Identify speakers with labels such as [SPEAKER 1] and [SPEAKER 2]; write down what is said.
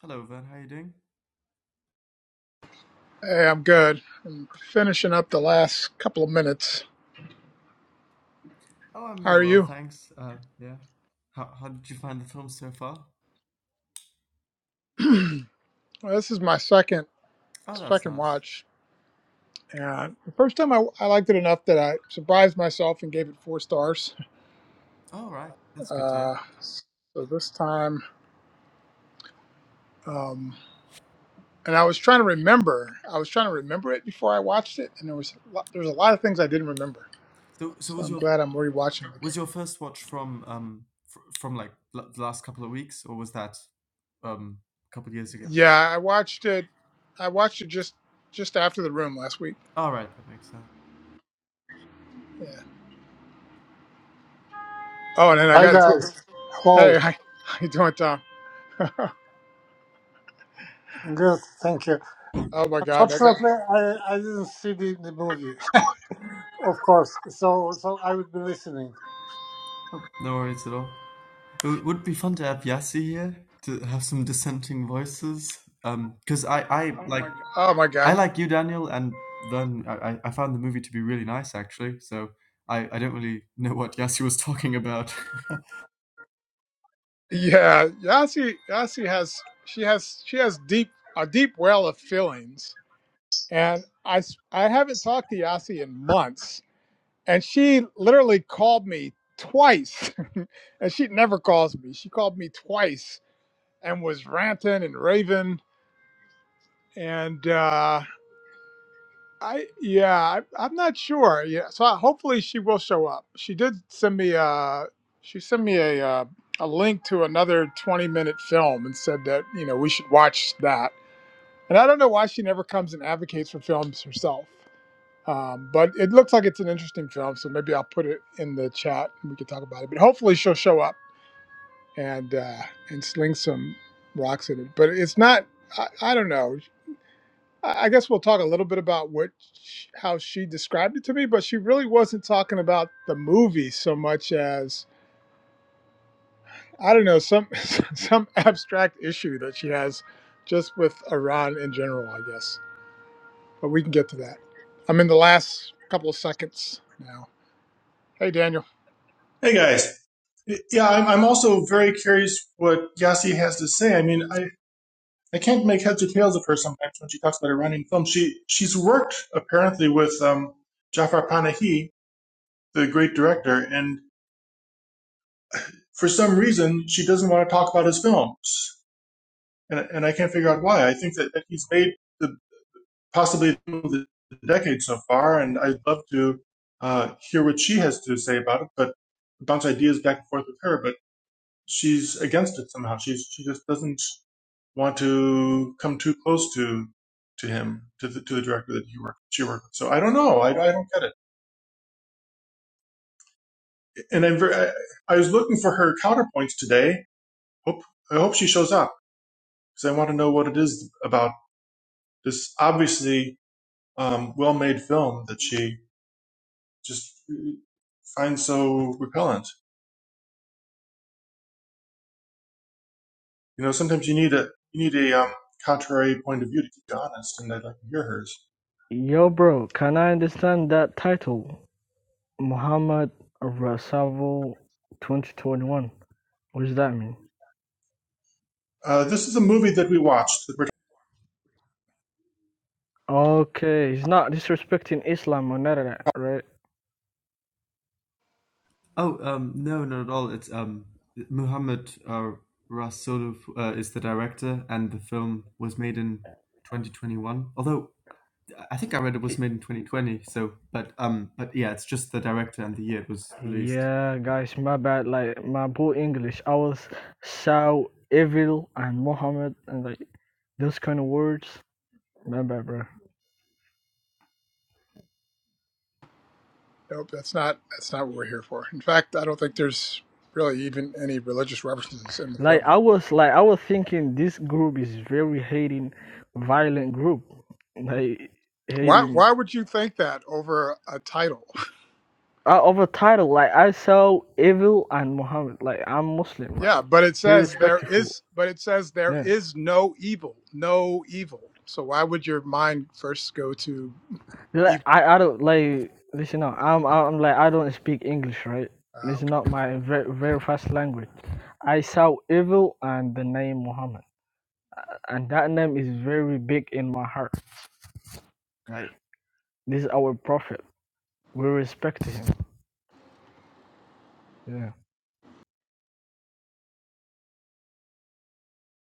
[SPEAKER 1] Hello, Van. How are you doing?
[SPEAKER 2] Hey, I'm good. I'm finishing up the last couple of minutes.
[SPEAKER 1] Oh, I'm
[SPEAKER 2] How
[SPEAKER 1] very
[SPEAKER 2] are
[SPEAKER 1] well,
[SPEAKER 2] you?
[SPEAKER 1] thanks. Uh, yeah. How, how did you find the film so far?
[SPEAKER 2] well, this is my second
[SPEAKER 1] Oh, that's
[SPEAKER 2] second
[SPEAKER 1] nice.
[SPEAKER 2] watch. And the first time I, I liked it enough that I surprised myself and gave it four stars.
[SPEAKER 1] All right, that's good to hear.
[SPEAKER 2] Uh, so this time, um, and I was trying to remember. I was trying to remember it before I watched it, and there was a lot, there was a lot of things I didn't remember.
[SPEAKER 1] So, so
[SPEAKER 2] So
[SPEAKER 1] was
[SPEAKER 2] I'm
[SPEAKER 1] your
[SPEAKER 2] glad I'm rewatching it again.
[SPEAKER 1] was your first watch from um fr from like l the last couple of weeks, or was that um a couple of years ago?
[SPEAKER 2] Yeah, I watched it. I watched it just just after the room last week.
[SPEAKER 1] All right, that makes sense.
[SPEAKER 2] Yeah. Oh, and then I
[SPEAKER 3] Hi
[SPEAKER 2] got into
[SPEAKER 1] Um,
[SPEAKER 3] guys. Hello.
[SPEAKER 2] Hey, how how you doing, Tom?
[SPEAKER 3] Good. Thank you.
[SPEAKER 2] Oh my God, I got.
[SPEAKER 3] Fortunately, I, I didn't see the, the movie, of course. So so I would be listening.
[SPEAKER 1] oh, no worries at all. It w- would be fun to have Yassi here to have some dissenting voices. Um, because I I like.
[SPEAKER 2] Oh my
[SPEAKER 1] I
[SPEAKER 2] God,
[SPEAKER 1] like you, Daniel, and then I, I I found the movie to be really nice, actually. So I, I don't really know what Yasu was talking about.
[SPEAKER 2] yeah, Yasi Yasi has she has she has deep a deep well of feelings, and I s- I haven't talked to Yasi in months, and she literally called me twice, and she never calls me. She called me twice and was ranting and raving, and uh, I yeah, I, I'm not sure. Yeah, so I, hopefully she will show up. She did send me uh she sent me a uh, a link to another 20 minute film and said that you know we should watch that. And I don't know why she never comes and advocates for films herself. Um, but it looks like it's an interesting film, so maybe I'll put it in the chat and we can talk about it. But hopefully she'll show up and uh, and sling some rocks at it. But it's not. I, I don't know. I I guess we'll talk a little bit about what sh how she described it to me, but she really wasn't talking about the movie so much as I don't know some some abstract issue that she has just with Iran in general, I guess. But we can get to that. I'm in the last couple of seconds now. Hey, Daniel.
[SPEAKER 4] Hey guys. Yeah, I'm, I'm also very curious what Yassi has to say. I mean, I, I can't make heads or tails of her sometimes when she talks about Iranian film. She she's worked apparently with um, Jafar Panahi, the great director, and for some reason she doesn't want to talk about his films, and and I can't figure out why. I think that, that he's made the possibly the decade so far, and I'd love to uh, hear what she has to say about it, but bounce ideas back and forth with her. But she's against it somehow. She's she just doesn't want to come too close to to him to the to the director that he worked she worked with. So I don't know. I, I don't get it. And I'm very, I, I was looking for her counterpoints today. Hope I hope she shows up because I want to know what it is about this obviously um, well made film that she just uh, finds so repellent. You know, sometimes you need a you need a um, contrary point of view to keep you honest, and I'd like to hear hers.
[SPEAKER 5] Yo bro, can I understand that title? Muhammad Rasulullah 2021. What does that mean?
[SPEAKER 4] Uh, this is a movie that we watched that we're
[SPEAKER 5] Okay, he's not disrespecting Islam or none of that, right?
[SPEAKER 1] oh, um, no, not at all. It's um, Muhammad uh, Rasulov uh, is the director, and the film was made in 2021. Although I think I read it was made in 2020. So, but um, but yeah, it's just the director and the year it was released.
[SPEAKER 5] Yeah, guys, my bad. Like my poor English, I was so evil and Muhammad and like those kind of words. My bad, bro.
[SPEAKER 2] Nope, that's not that's not what we're here for. In fact, I don't think there's really even any religious references in the
[SPEAKER 5] Like
[SPEAKER 2] film.
[SPEAKER 5] I was like I was thinking this group is very hating, violent group. Like
[SPEAKER 2] Why
[SPEAKER 5] hating
[SPEAKER 2] why would you think that over a title?
[SPEAKER 5] uh, of a title. Like I saw Evil and Muhammad. Like I'm Muslim. Like
[SPEAKER 2] Yeah, but it
[SPEAKER 5] be
[SPEAKER 2] says there
[SPEAKER 5] respectful.
[SPEAKER 2] is, but it says there
[SPEAKER 5] Yeah.
[SPEAKER 2] is no evil, no evil. So why would your mind first go to
[SPEAKER 5] Like
[SPEAKER 2] evil?
[SPEAKER 5] I, I don't like listen up. I'm I'm like I don't speak English, right?
[SPEAKER 2] Ah,
[SPEAKER 5] This is
[SPEAKER 2] okay.
[SPEAKER 5] not my very, very first language. I saw Evil and the name Muhammad, and that name is very big in my heart.
[SPEAKER 2] okay.
[SPEAKER 5] Like this is our prophet. We respect him. Yeah.